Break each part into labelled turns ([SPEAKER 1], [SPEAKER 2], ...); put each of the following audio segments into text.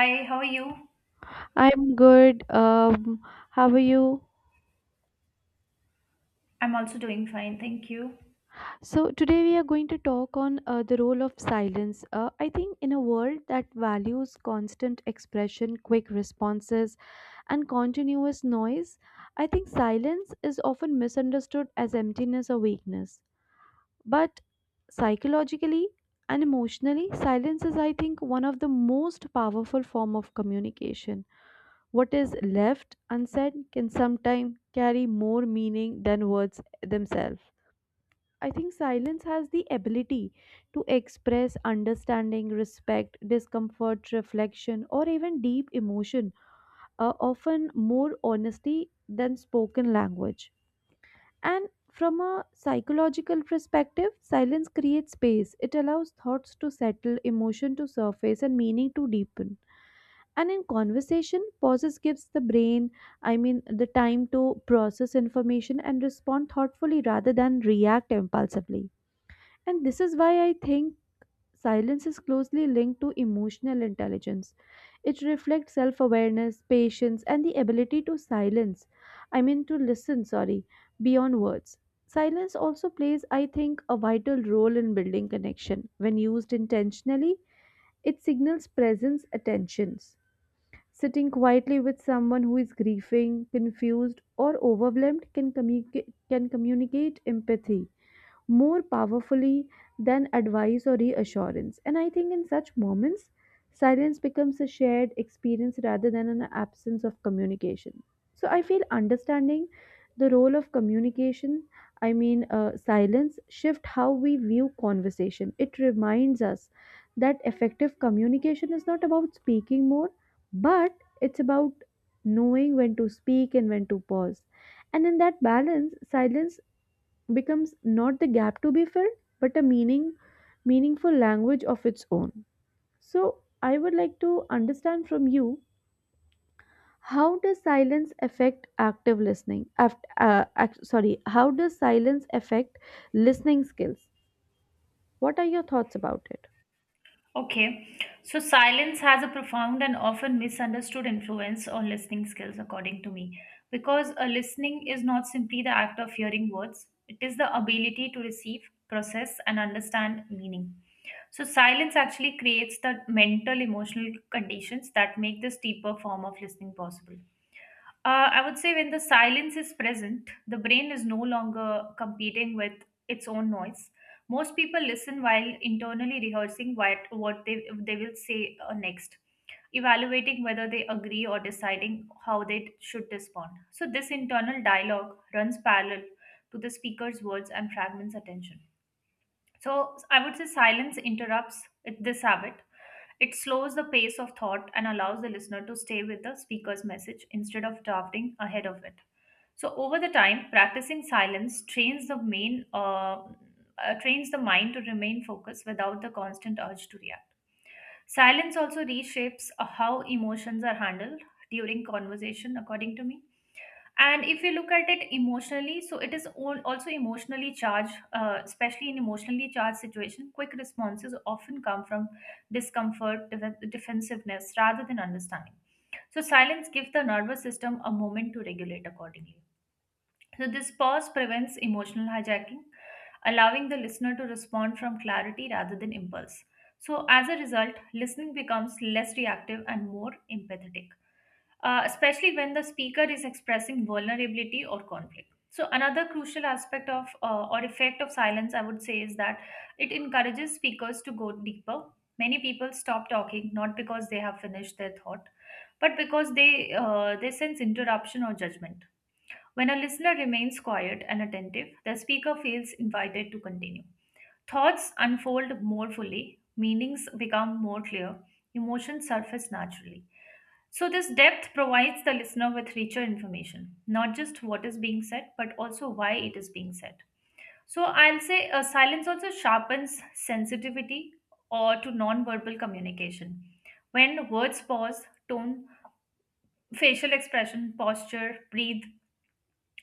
[SPEAKER 1] Hi, how are you?
[SPEAKER 2] I'm good. How are you?
[SPEAKER 1] I'm also doing fine, thank you.
[SPEAKER 2] So, today we are going to talk on the role of silence. I think in a world that values constant expression, quick responses, and continuous noise, I think silence is often misunderstood as emptiness or weakness. But psychologically and emotionally, silence is, I think, one of the most powerful form of communication. What is left unsaid can sometimes carry more meaning than words themselves. I think silence has the ability to express understanding, respect, discomfort, reflection, or even deep emotion, often more honesty than spoken language. And from a psychological perspective, silence creates space. It allows thoughts to settle, emotion to surface, and meaning to deepen. And in conversation, pauses gives the brain, I mean, the time to process information and respond thoughtfully rather than react impulsively. And this is why I think silence is closely linked to emotional intelligence. It reflects self awareness, patience, and the ability to silence. I mean, to listen, sorry, beyond words. Silence also plays, I think, a vital role in building connection. When used intentionally, it signals presence, attentions. Sitting quietly with someone who is grieving, confused, or overwhelmed can, can communicate empathy more powerfully than advice or reassurance. And I think in such moments, silence becomes a shared experience rather than an absence of communication. So I feel understanding the role of communication, I mean, silence, shift how we view conversation. It reminds us that effective communication is not about speaking more, but it's about knowing when to speak and when to pause. And in that balance, silence becomes not the gap to be filled but a meaningful language of its own. So I would like to understand from you: how does silence affect active listening sorry, how does silence affect listening skills? What are your thoughts about it?
[SPEAKER 1] Okay, so silence has a profound and often misunderstood influence on listening skills, according to me, because a listening is not simply the act of hearing words, it is the ability to receive, process, and understand meaning. So, silence actually creates the mental, emotional conditions that make this deeper form of listening possible. I would say when the silence is present, the brain is no longer competing with its own noise. Most people listen while internally rehearsing what they will say next, evaluating whether they agree or deciding how they should respond. So, this internal dialogue runs parallel to the speaker's words and fragments attention. So, I would say silence this habit. It slows the pace of thought and allows the listener to stay with the speaker's message instead of drafting ahead of it. So over the time, practicing silence trains the mind to remain focused without the constant urge to react. Silence also reshapes how emotions are handled during conversation, according to me. And if you look at it emotionally, so it is all also emotionally charged, especially in emotionally charged situation quick responses often come from defensiveness rather than understanding. So silence gives the nervous system a moment to regulate accordingly. So this pause prevents emotional hijacking, allowing the listener to respond from clarity rather than impulse. So as a result, listening becomes less reactive and more empathetic, especially when the speaker is expressing vulnerability or conflict. So, another crucial aspect of or effect of silence, I would say, is that it encourages speakers to go deeper. Many people stop talking not because they have finished their thought, but because they sense interruption or judgment. When a listener remains quiet and attentive, the speaker feels invited to continue. Thoughts unfold more fully, meanings become more clear, emotions surface naturally. So, this depth provides the listener with richer information, not just what is being said, but also why it is being said. So, I'll say silence also sharpens sensitivity or to non-verbal communication. When words pause, tone, facial expression, posture, breathe,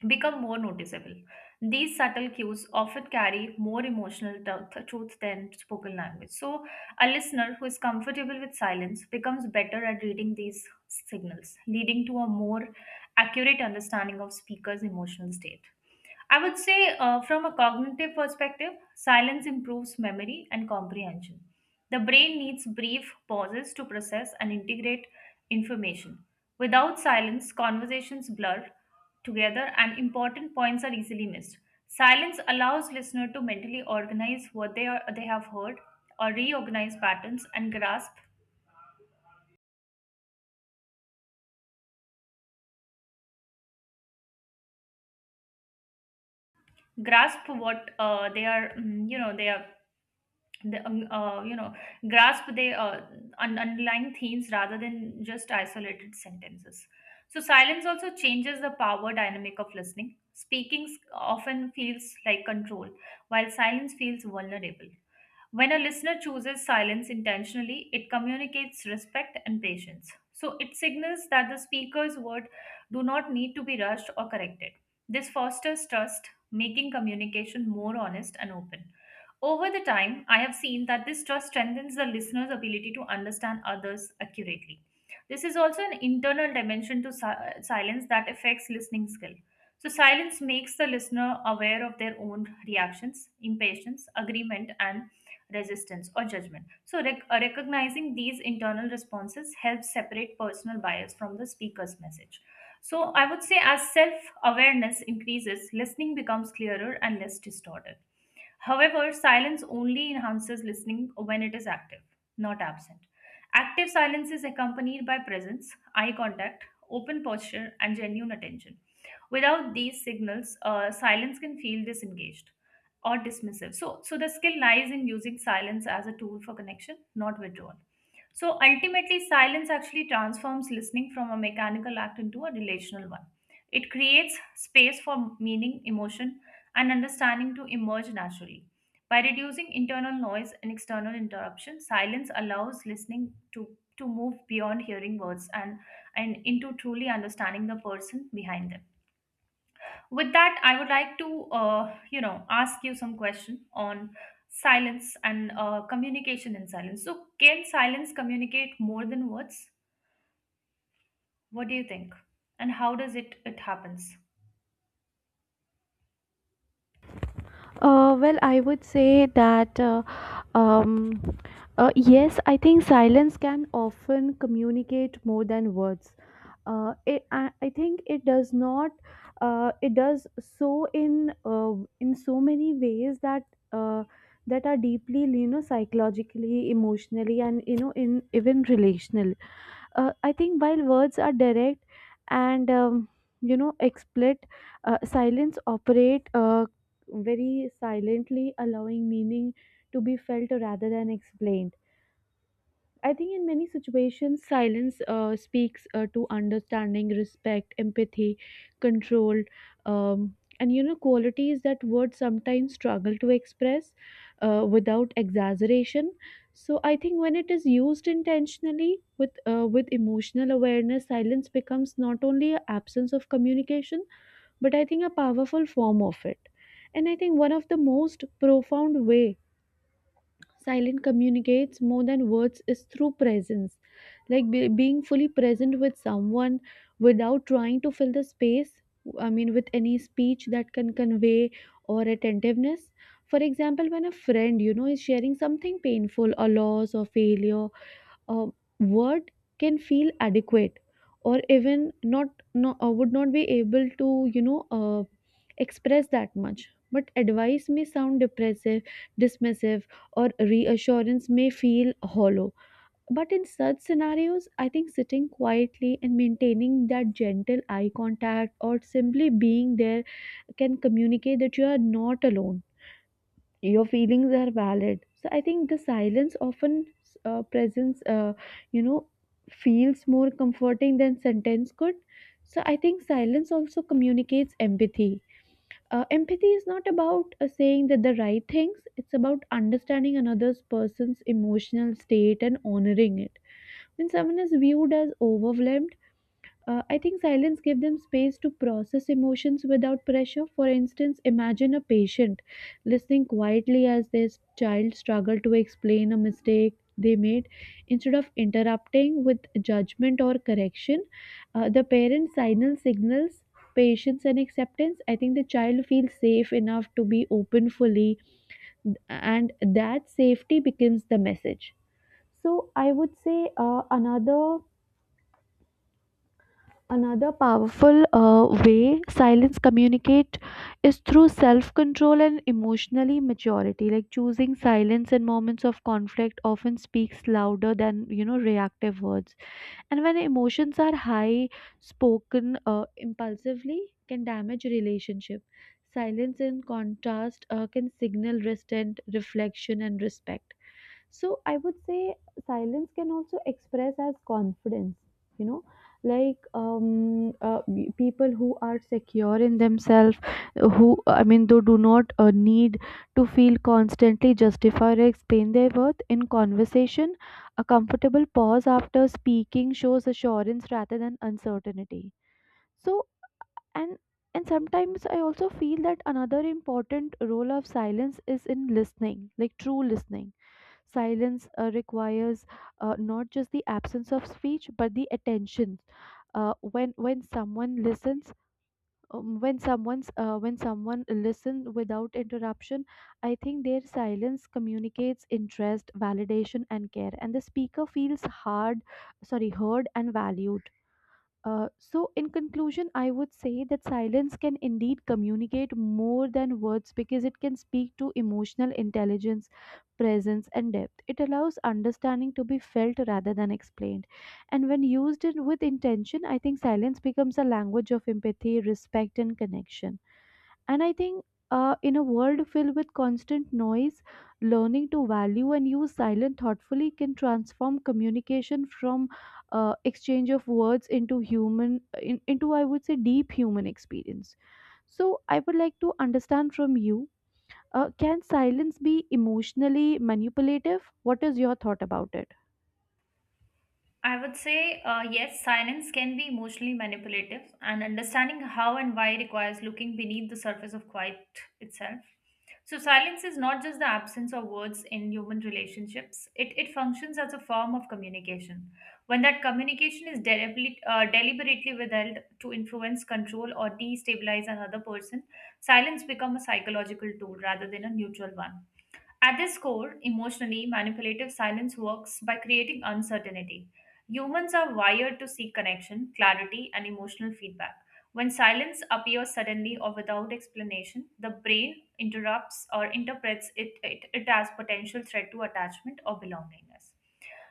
[SPEAKER 1] become more noticeable. These subtle cues often carry more truth than spoken language. So, a listener who is comfortable with silence becomes better at reading these signals, leading to a more accurate understanding of speaker's emotional state. I would say, from a cognitive perspective, silence improves memory and comprehension. The brain needs brief pauses to process and integrate information. Without silence, conversations blur together and important points are easily missed. Silence allows listener to mentally organize what they are they have heard or reorganize patterns and grasp what they are mm, you know they are the, you know grasp the un- underlying themes rather than just isolated sentences. So silence also changes the power dynamic of listening. Often feels like control, while silence feels vulnerable. When a listener chooses silence intentionally, it communicates respect and patience. So it signals that the speaker's word do not need to be rushed or corrected. This fosters trust, making communication more honest and open. Over the time, I have seen that this trust strengthens the listener's ability to understand others accurately. This is also an internal dimension to silence that affects listening skill. So, silence makes the listener aware of their own reactions, impatience, agreement, and resistance or judgment. So, recognizing these internal responses helps separate personal bias from the speaker's message. So, I would say as self awareness increases, listening becomes clearer and less distorted. However, silence only enhances listening when it is active, not absent. Active silence is accompanied by presence, eye contact, open posture, and genuine attention. Without these signals, silence can feel disengaged or dismissive. So, so the skill lies in using silence as a tool for connection, not withdrawal. So ultimately, silence actually transforms listening from a mechanical act into a relational one. It creates space for meaning, emotion, and understanding to emerge naturally. By reducing internal noise and external interruption, silence allows to move beyond hearing words and into truly understanding the person behind them. With that, I would like to, ask you some question on silence and communication in silence. So, can silence communicate more than words? What do you think? And how does it happens?
[SPEAKER 2] Well, I would say that um, yes, I think silence can often communicate more than words. I think it does not it does so in so many ways that uh, that are deeply, you know, psychologically, emotionally, and, you know, in even relational. I think while words are direct and, you know, explicit, silence operate very silently, allowing meaning to be felt rather than explained. I think in many situations, silence speaks to understanding, respect, empathy, control, and, you know, qualities that words sometimes struggle to express without exaggeration. So I think when it is used intentionally with emotional awareness, silence becomes not only an absence of communication, but I think a powerful form of it. And I think one of the most profound way silent communicates more than words is through presence, like being fully present with someone without trying to fill the space, I mean, with any speech that can convey or attentiveness. For example, when a friend, you know, is sharing something painful or loss or failure, uh, word can feel adequate or even not, no, would not be able to, you know, express that much, but advice may sound depressive, dismissive, or reassurance may feel hollow. But in such scenarios, I think sitting quietly and maintaining that gentle eye contact or simply being there can communicate that you are not alone, your feelings are valid. So I think the silence often presence, you know, feels more comforting than sentence could. So I think silence also communicates empathy. Empathy is not about saying that the right things, it's about understanding another's person's emotional state and honoring it. When someone is viewed as overwhelmed, I think silence gives them space to process emotions without pressure. For instance, imagine a patient listening quietly as their child struggled to explain a mistake they made. Instead of interrupting with judgment or correction, the parent signals patience and acceptance. I think the child feels safe enough to be open fully, and that safety becomes the message. So I would say another powerful way silence communicate is through self control and emotionally maturity. Like choosing silence in moments of conflict often speaks louder than, you know, reactive words. And when emotions are high, spoken impulsively can damage relationship. Silence, in contrast, can signal restraint, reflection, and respect. So I would say silence can also express as confidence. You know, like people who are secure in themselves, who, I mean, they do not need to feel constantly justified or explain their worth in conversation. A comfortable pause after speaking shows assurance rather than uncertainty. So, and and sometimes I also feel that another important role of silence is in listening, like true listening. Silence requires not just the absence of speech, but the attention. When when someone listens, when someone listens without interruption, I think their silence communicates interest, validation, and care, and the speaker feels hard, sorry, heard and valued. So, in conclusion, I would say that silence can indeed communicate more than words because it can speak to emotional intelligence, presence, and depth. It allows understanding to be felt rather than explained. And when used with intention, I think silence becomes a language of empathy, respect, and connection. And I think in a world filled with constant noise, learning to value and use silence thoughtfully can transform communication from exchange of words into into, I would say, deep human experience. So I would like to understand from you: can silence be emotionally manipulative? What is your thought about it?
[SPEAKER 1] I would say yes, silence can be emotionally manipulative, and understanding how and why requires looking beneath the surface of quiet itself. So, silence is not just the absence of words in human relationships, it functions as a form of communication. When that communication is deliberately withheld to influence, control, or destabilize another person, silence becomes a psychological tool rather than a neutral one. At its core, emotionally manipulative silence works by creating uncertainty. Humans are wired to seek connection, clarity, and emotional feedback. When silence appears suddenly or without explanation, the brain interrupts or interprets it as potential threat to attachment or belongingness.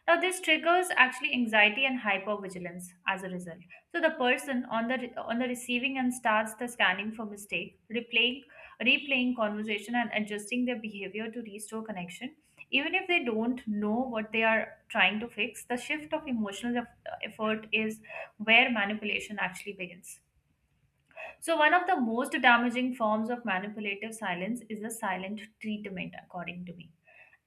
[SPEAKER 1] Now, this triggers actually anxiety and hypervigilance as a result. So the person on the receiving end starts the scanning for mistake, replaying conversation, and adjusting their behavior to restore connection. Even if they don't know what they are trying to fix, the shift of effort is where manipulation actually begins. So, one of the most damaging forms of manipulative silence is the silent treatment, according to me.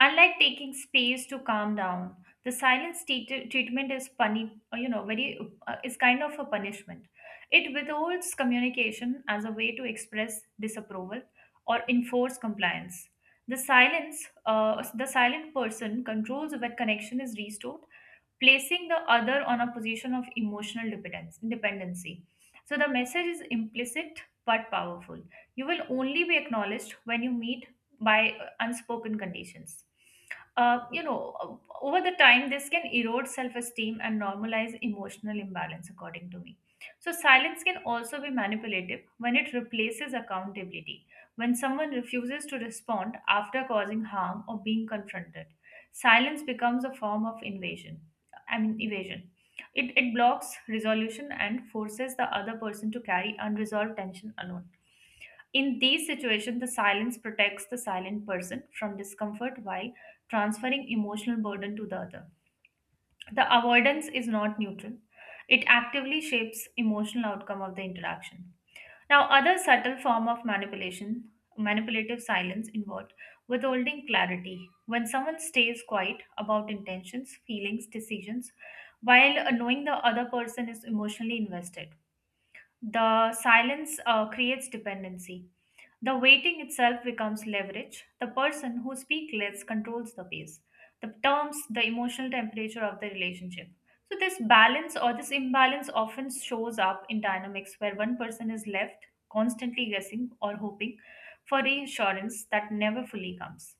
[SPEAKER 1] Unlike taking space to calm down, the treatment is puni- you know very is kind of a punishment. It withholds communication as a way to express disapproval or enforce compliance. The silent person controls when connection is restored, placing the other on a position of emotional dependency. So the message is implicit but powerful. You will only be acknowledged when you meet by unspoken conditions. Uh, you know, Over the time, this can erode self esteem and normalize emotional imbalance, according to me. So, silence can also be manipulative when it replaces accountability, when someone refuses to respond after causing harm or being confronted. Silence becomes a form of invasion. I mean evasion. It blocks resolution and forces the other person to carry unresolved tension alone. In these situations, the silence protects the silent person from discomfort while transferring emotional burden to the other. The avoidance is not neutral. It actively shapes emotional outcome of the interaction. Now, other subtle manipulative silence involved withholding clarity. When someone stays quiet about intentions, feelings, decisions, while knowing the other person is emotionally invested. The silence creates dependency. The waiting itself becomes leverage. The person who speaks less controls the pace, the terms, the emotional temperature of the relationship. So, this balance or this imbalance often shows up in dynamics where one person is left constantly guessing or hoping for reassurance that never fully comes.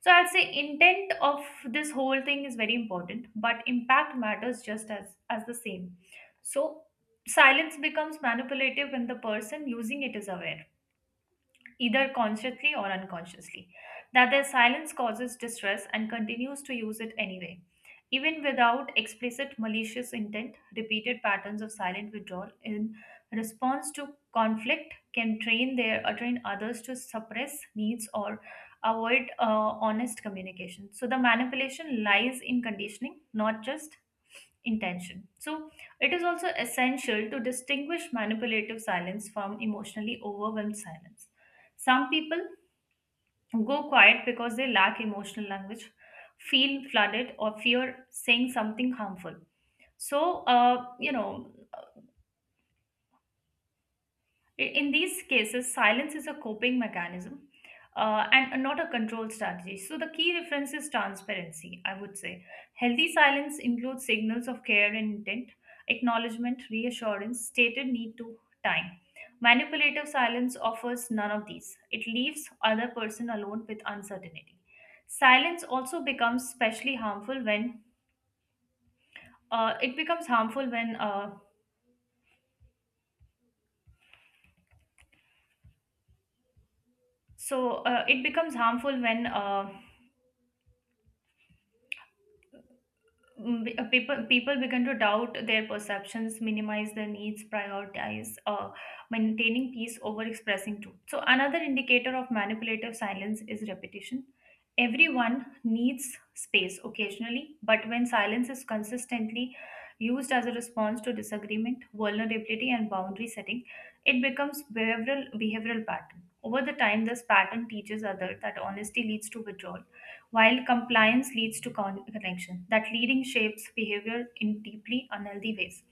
[SPEAKER 1] So, I'll say intent of this whole thing is very important, but impact matters just as the same. So, silence becomes manipulative when the person using it is aware, either consciously or unconsciously, that their silence causes distress and continues to use it anyway. Even without explicit malicious intent, repeated patterns of silent withdrawal in response to conflict can train others to suppress needs or avoid honest communication. So the manipulation lies in conditioning, not just intention. So, it is also essential to distinguish manipulative silence from emotionally overwhelmed silence. Some people go quiet because they lack emotional language, feel flooded, or fear saying something harmful. So, in these cases, silence is a coping mechanism and not a control strategy. So, the key reference is transparency, I would say. Healthy silence includes signals of care and intent, acknowledgement, reassurance, stated need to time. Manipulative silence offers none of these. It leaves other person alone with uncertainty. Silence also becomes especially harmful when it becomes harmful when so it becomes harmful when Mm, people begin to doubt their perceptions, minimize their needs, prioritize maintaining peace over expressing truth. So another indicator of manipulative silence is repetition. Everyone needs space occasionally, but when silence is consistently used as a response to disagreement, vulnerability, and boundary setting, it becomes behavioral pattern. Over the time, this pattern teaches others that honesty leads to withdrawal, while compliance leads to connection. That leading shapes behavior in deeply unhealthy ways.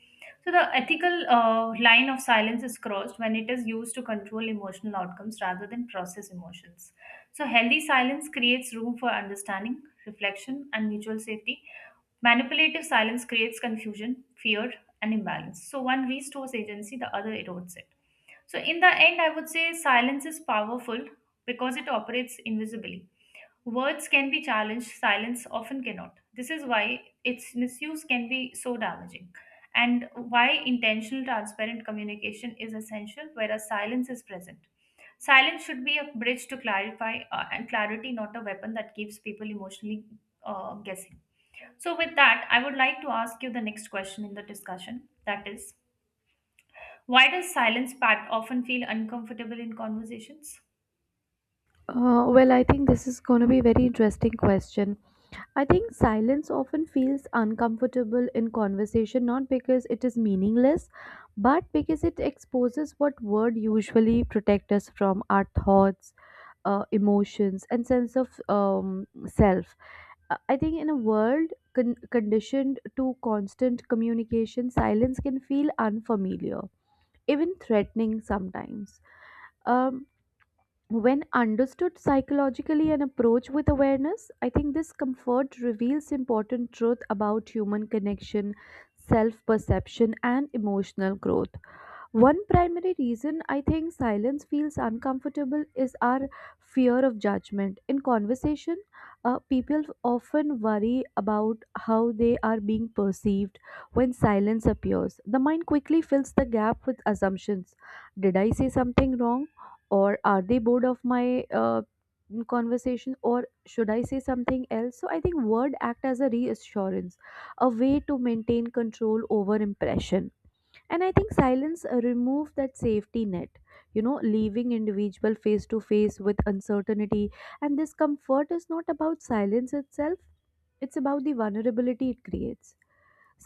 [SPEAKER 1] So the ethical line of silence is crossed when it is used to control emotional outcomes rather than process emotions. So healthy silence creates room for understanding, reflection, and mutual safety. Manipulative silence creates confusion, fear, and imbalance. So one restores agency, the other erodes it. So in the end, I would say silence is powerful because it operates invisibly. Words can be challenged, silence often cannot. This is why its misuse can be so damaging, and why intentional, transparent communication is essential, whereas silence is present. Silence should be a bridge to clarify, and clarity, not a weapon that keeps people emotionally guessing. So, with that, I would like to ask you the next question in the discussion, that is, why does silence part often feel uncomfortable in conversations?
[SPEAKER 2] Well, I think this is going to be a very interesting question. I think silence often feels uncomfortable in conversation, not because it is meaningless, but because it exposes what word usually protect us from our thoughts, emotions, and sense of self. I think in a world conditioned to constant communication, silence can feel unfamiliar, even threatening sometimes. Um, when understood psychologically and approached with awareness, I think this comfort reveals important truth about human connection, self perception, and emotional growth. One primary reason I think silence feels uncomfortable is our fear of judgment. In conversation, people often worry about how they are being perceived when silence appears. The mind quickly fills the gap with assumptions. Did I say something wrong? Or are they bored of my conversation? Or should I say something else? So I think word act as a reassurance, a way to maintain control over impression. And I think silence remove that safety net, you know, leaving individual face to face with uncertainty. And this comfort is not about silence itself, it's about the vulnerability it creates.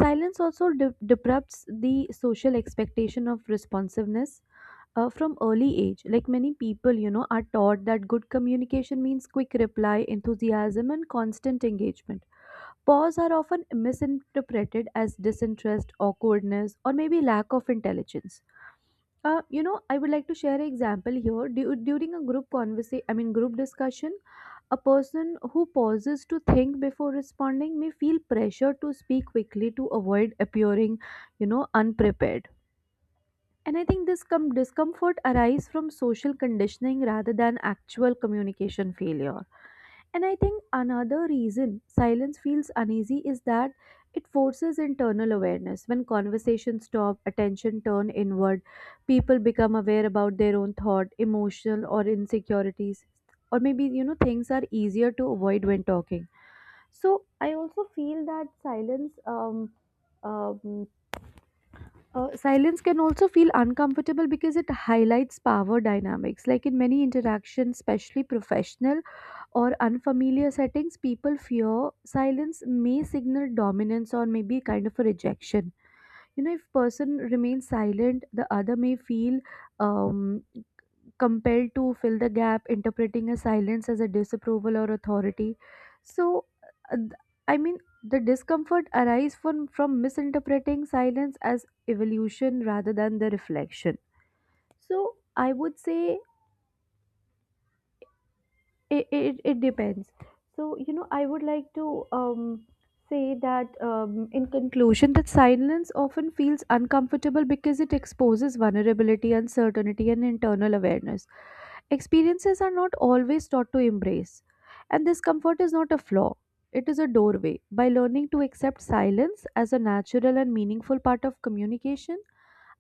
[SPEAKER 2] Silence also deprupts the social expectation of responsiveness. From early age, like many people, you know, are taught that good communication means quick reply, enthusiasm, and constant engagement. Pause are often misinterpreted as disinterest, awkwardness, or maybe lack of intelligence. You know, I would like to share an example here. During a group conversation, I mean group discussion, a person who pauses to think before responding may feel pressure to speak quickly to avoid appearing, you know, unprepared. And I think this discomfort arises from social conditioning rather than actual communication failure. And I think another reason silence feels uneasy is that it forces internal awareness. When conversations stop, attention turn inward, people become aware about their own thought, emotional or insecurities, or maybe, you know, things are easier to avoid when talking. So I also feel that silence um, silence can also feel uncomfortable because it highlights power dynamics. Like in many interactions, especially professional or unfamiliar settings, people fear silence may signal dominance or maybe kind of a rejection. You know, if person remains silent, the other may feel um, compelled to fill the gap, interpreting a silence as a disapproval or authority. So, uh, th- I mean, the discomfort arises from misinterpreting silence as evolution rather than the reflection. So, I would say it depends. So, you know, I would like to say that, in conclusion, that silence often feels uncomfortable because it exposes vulnerability, uncertainty, and internal awareness. Experiences are not always taught to embrace, and this comfort is not a flaw, it is a doorway. By learning to accept silence as a natural and meaningful part of communication,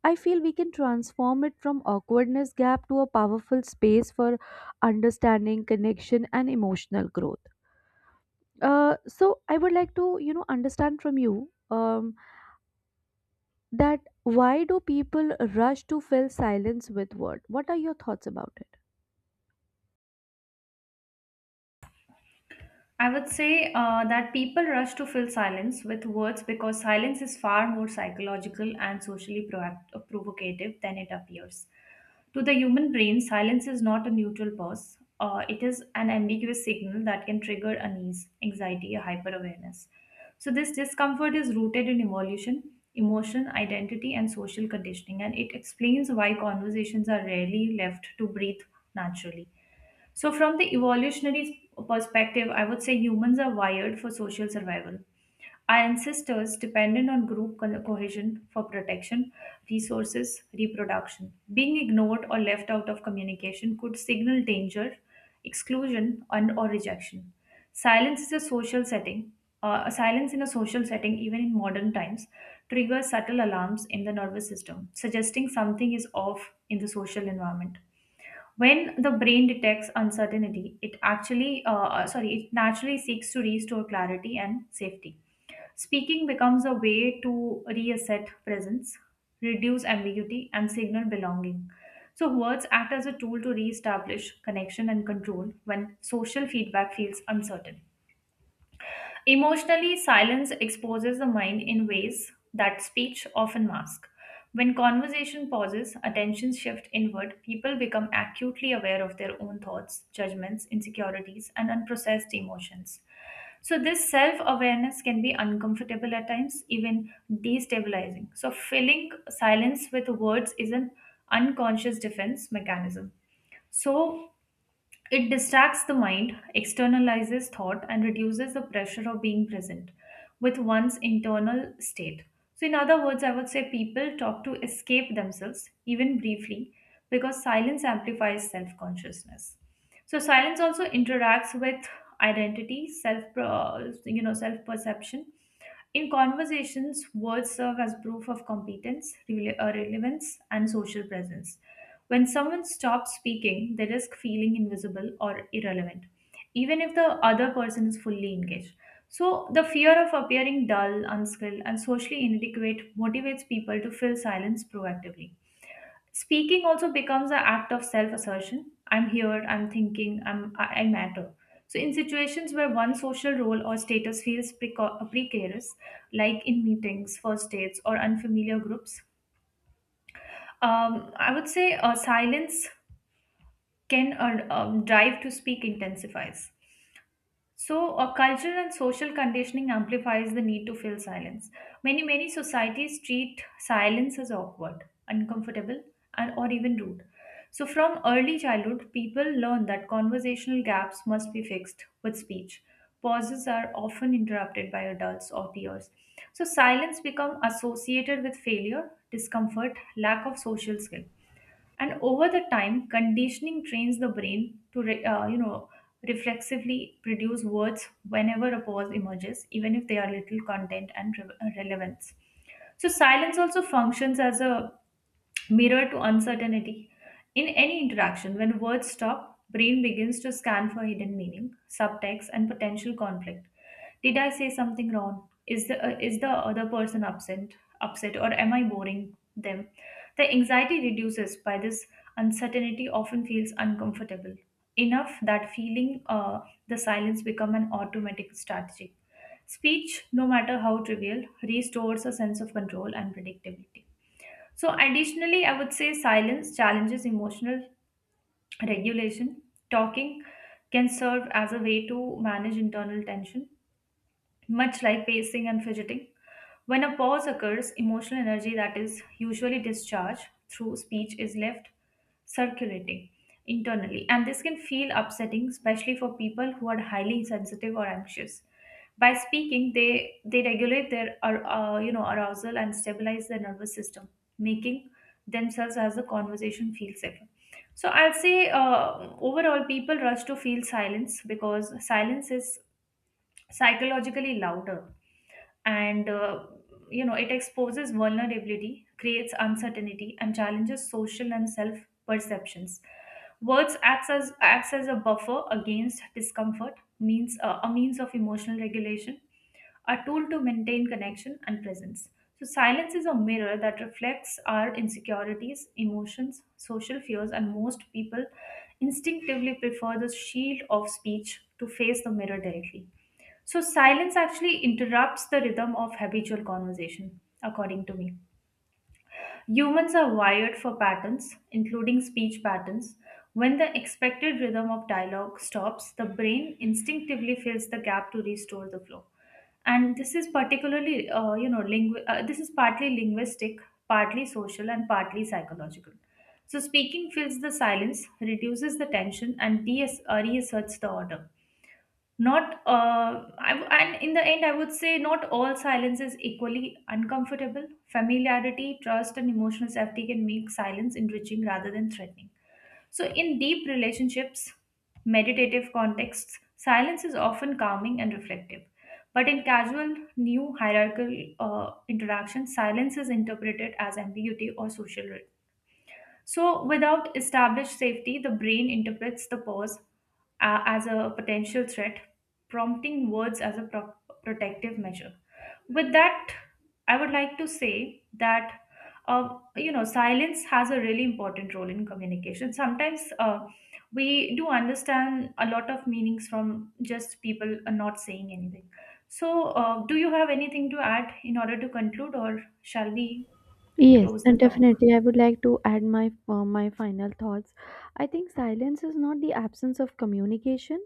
[SPEAKER 2] I feel we can transform it from awkwardness gap to a powerful space for understanding, connection, and emotional growth. So I would like to, you know, understand from you. Um, that why do people rush to fill silence with word? What are your thoughts about it?
[SPEAKER 1] I would say that people rush to fill silence with words because silence is far more psychological and socially provocative than it appears. To the human brain, silence is not a neutral pause. It is an ambiguous signal that can trigger unease, anxiety, or hyperawareness. So, this discomfort is rooted in evolution, emotion, identity, and social conditioning, and it explains why conversations are rarely left to breathe naturally. So, from the evolutionary perspective, I would say humans are wired for social survival. Our ancestors depended on group cohesion for protection, resources, reproduction. Being ignored or left out of communication could signal danger, exclusion, and or rejection. Silence is a social setting. A silence in a social setting, even in modern times, triggers subtle alarms in the nervous system, suggesting something is off in the social environment. When the brain detects uncertainty, it naturally seeks to restore clarity and safety. Speaking becomes a way to reasset presence, reduce ambiguity, and signal belonging. So, words act as a tool to reestablish connection and control when social feedback feels uncertain. Emotionally, silence exposes the mind in ways that speech often masks. When conversation pauses, attention shifts inward, people become acutely aware of their own thoughts, judgments, insecurities, and unprocessed emotions. So, this self awareness can be uncomfortable at times, even destabilizing. So, filling silence with words is an unconscious defense mechanism. So, it distracts the mind, externalizes thought, and reduces the pressure of being present with one's internal state. So, in other words, I would say people talk to escape themselves, even briefly, because silence amplifies self consciousness. So silence also interacts with identity, self perception. In conversations, words serve as proof of competence, relevance, and social presence. When someone stops speaking, they risk feeling invisible or irrelevant, even if the other person is fully engaged. So, the fear of appearing dull, unskilled, and socially inadequate motivates people to fill silence proactively. Speaking also becomes an act of self assertion. I'm here, I'm thinking, I matter. So, in situations where one social role or status feels precarious, like in meetings, first dates, or unfamiliar groups, I would say silence can drive to speak intensifies. So, a cultural and social conditioning amplifies the need to fill silence. Many societies treat silence as awkward, uncomfortable, and or even rude. So, from early childhood, people learn that conversational gaps must be fixed with speech. Pauses are often interrupted by adults or peers. So, silence become associated with failure, discomfort, lack of social skill, and over the time conditioning trains the brain to reflexively produce words whenever a pause emerges, even if they are little content and relevance. So silence also functions as a mirror to uncertainty. In any interaction, when words stop, brain begins to scan for hidden meaning, subtext, and potential conflict. Did I say something wrong? Is the other person upset, or am I boring them? The anxiety reduces by this uncertainty often feels uncomfortable enough that feeling the silence become an automatic strategy. Speech, no matter how trivial, restores a sense of control and predictability. So, additionally, I would say silence challenges emotional regulation. Talking can serve as a way to manage internal tension, much like pacing and fidgeting. When a pause occurs, emotional energy that is usually discharged through speech is left circulating internally, and this can feel upsetting, especially for people who are highly sensitive or anxious. By speaking, they regulate their arousal and stabilize their nervous system, making themselves as the conversation feel safer. So I'll say overall, people rush to feel silence because silence is psychologically louder, and it exposes vulnerability, creates uncertainty, and challenges social and self perceptions. Words acts as a buffer against discomfort, means a means of emotional regulation, are told to maintain connection and presence. So, silence is a mirror that reflects our insecurities, emotions, social fears, and most people instinctively prefer the shield of speech to face the mirror directly. So, silence actually interrupts the rhythm of habitual conversation, according to me. Humans are wired for patterns, including speech patterns. When the expected rhythm of dialogue stops, the brain instinctively fills the gap to restore the flow. And this is particularly, this is partly linguistic, partly social, and partly psychological. So speaking fills the silence, reduces the tension, and reasserts the order. Not, I, w- and in the end, I would say not all silence is equally uncomfortable. Familiarity, trust, and emotional safety can make silence enriching rather than threatening. So, in deep relationships, meditative contexts, silence is often calming and reflective. But in casual, new hierarchical interactions, silence is interpreted as ambiguity or social. So, without established safety, the brain interprets the pause as a potential threat, prompting words as a protective measure. With that, I would like to say that silence has a really important role in communication. Sometimes we do understand a lot of meanings from just people not saying anything. So, do you have anything to add in order to conclude, or shall we
[SPEAKER 2] Yes,
[SPEAKER 1] close the
[SPEAKER 2] and
[SPEAKER 1] talk?
[SPEAKER 2] definitely, I would like to add my my final thoughts. I think silence is not the absence of communication;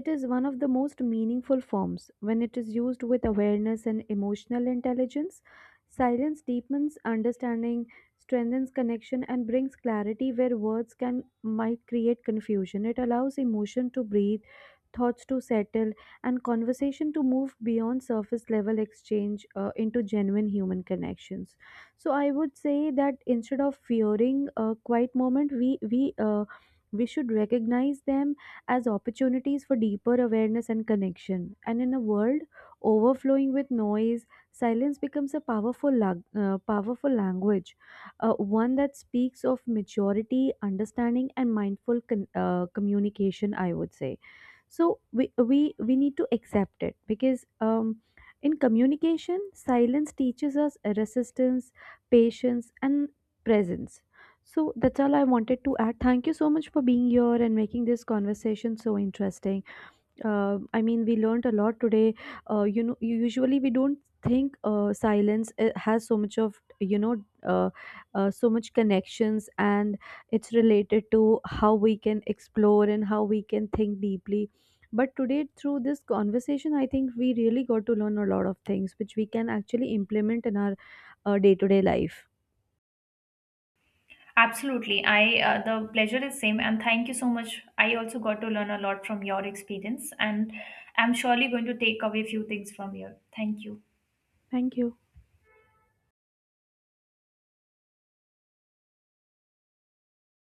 [SPEAKER 2] it is one of the most meaningful forms. When it is used with awareness and emotional intelligence, silence deepens understanding, strengthens connection, and brings clarity where words can might create confusion. It allows emotion to breathe, thoughts to settle, and conversation to move beyond surface level exchange into genuine human connections. So I would say that, instead of fearing a quiet moment, we should recognize them as opportunities for deeper awareness and connection. And in a world overflowing with noise, silence becomes a powerful, powerful language, one that speaks of maturity, understanding, and mindful communication, I would say. So we need to accept it because, in communication, silence teaches us resistance, patience, and presence. So that's all I wanted to add. Thank you so much for being here and making this conversation so interesting. I mean, we learned a lot today. You know, usually we don't think silence has so much of, you know, uh, so much connections, and it's related to how we can explore and how we can think deeply. But today, through this conversation, I think we really got to learn a lot of things which we can actually implement in our day to day life.
[SPEAKER 1] Absolutely. I The pleasure is same, and thank you so much. I also got to learn a lot from your experience, and I'm surely going to take away few things from here. Thank you.
[SPEAKER 2] Thank you.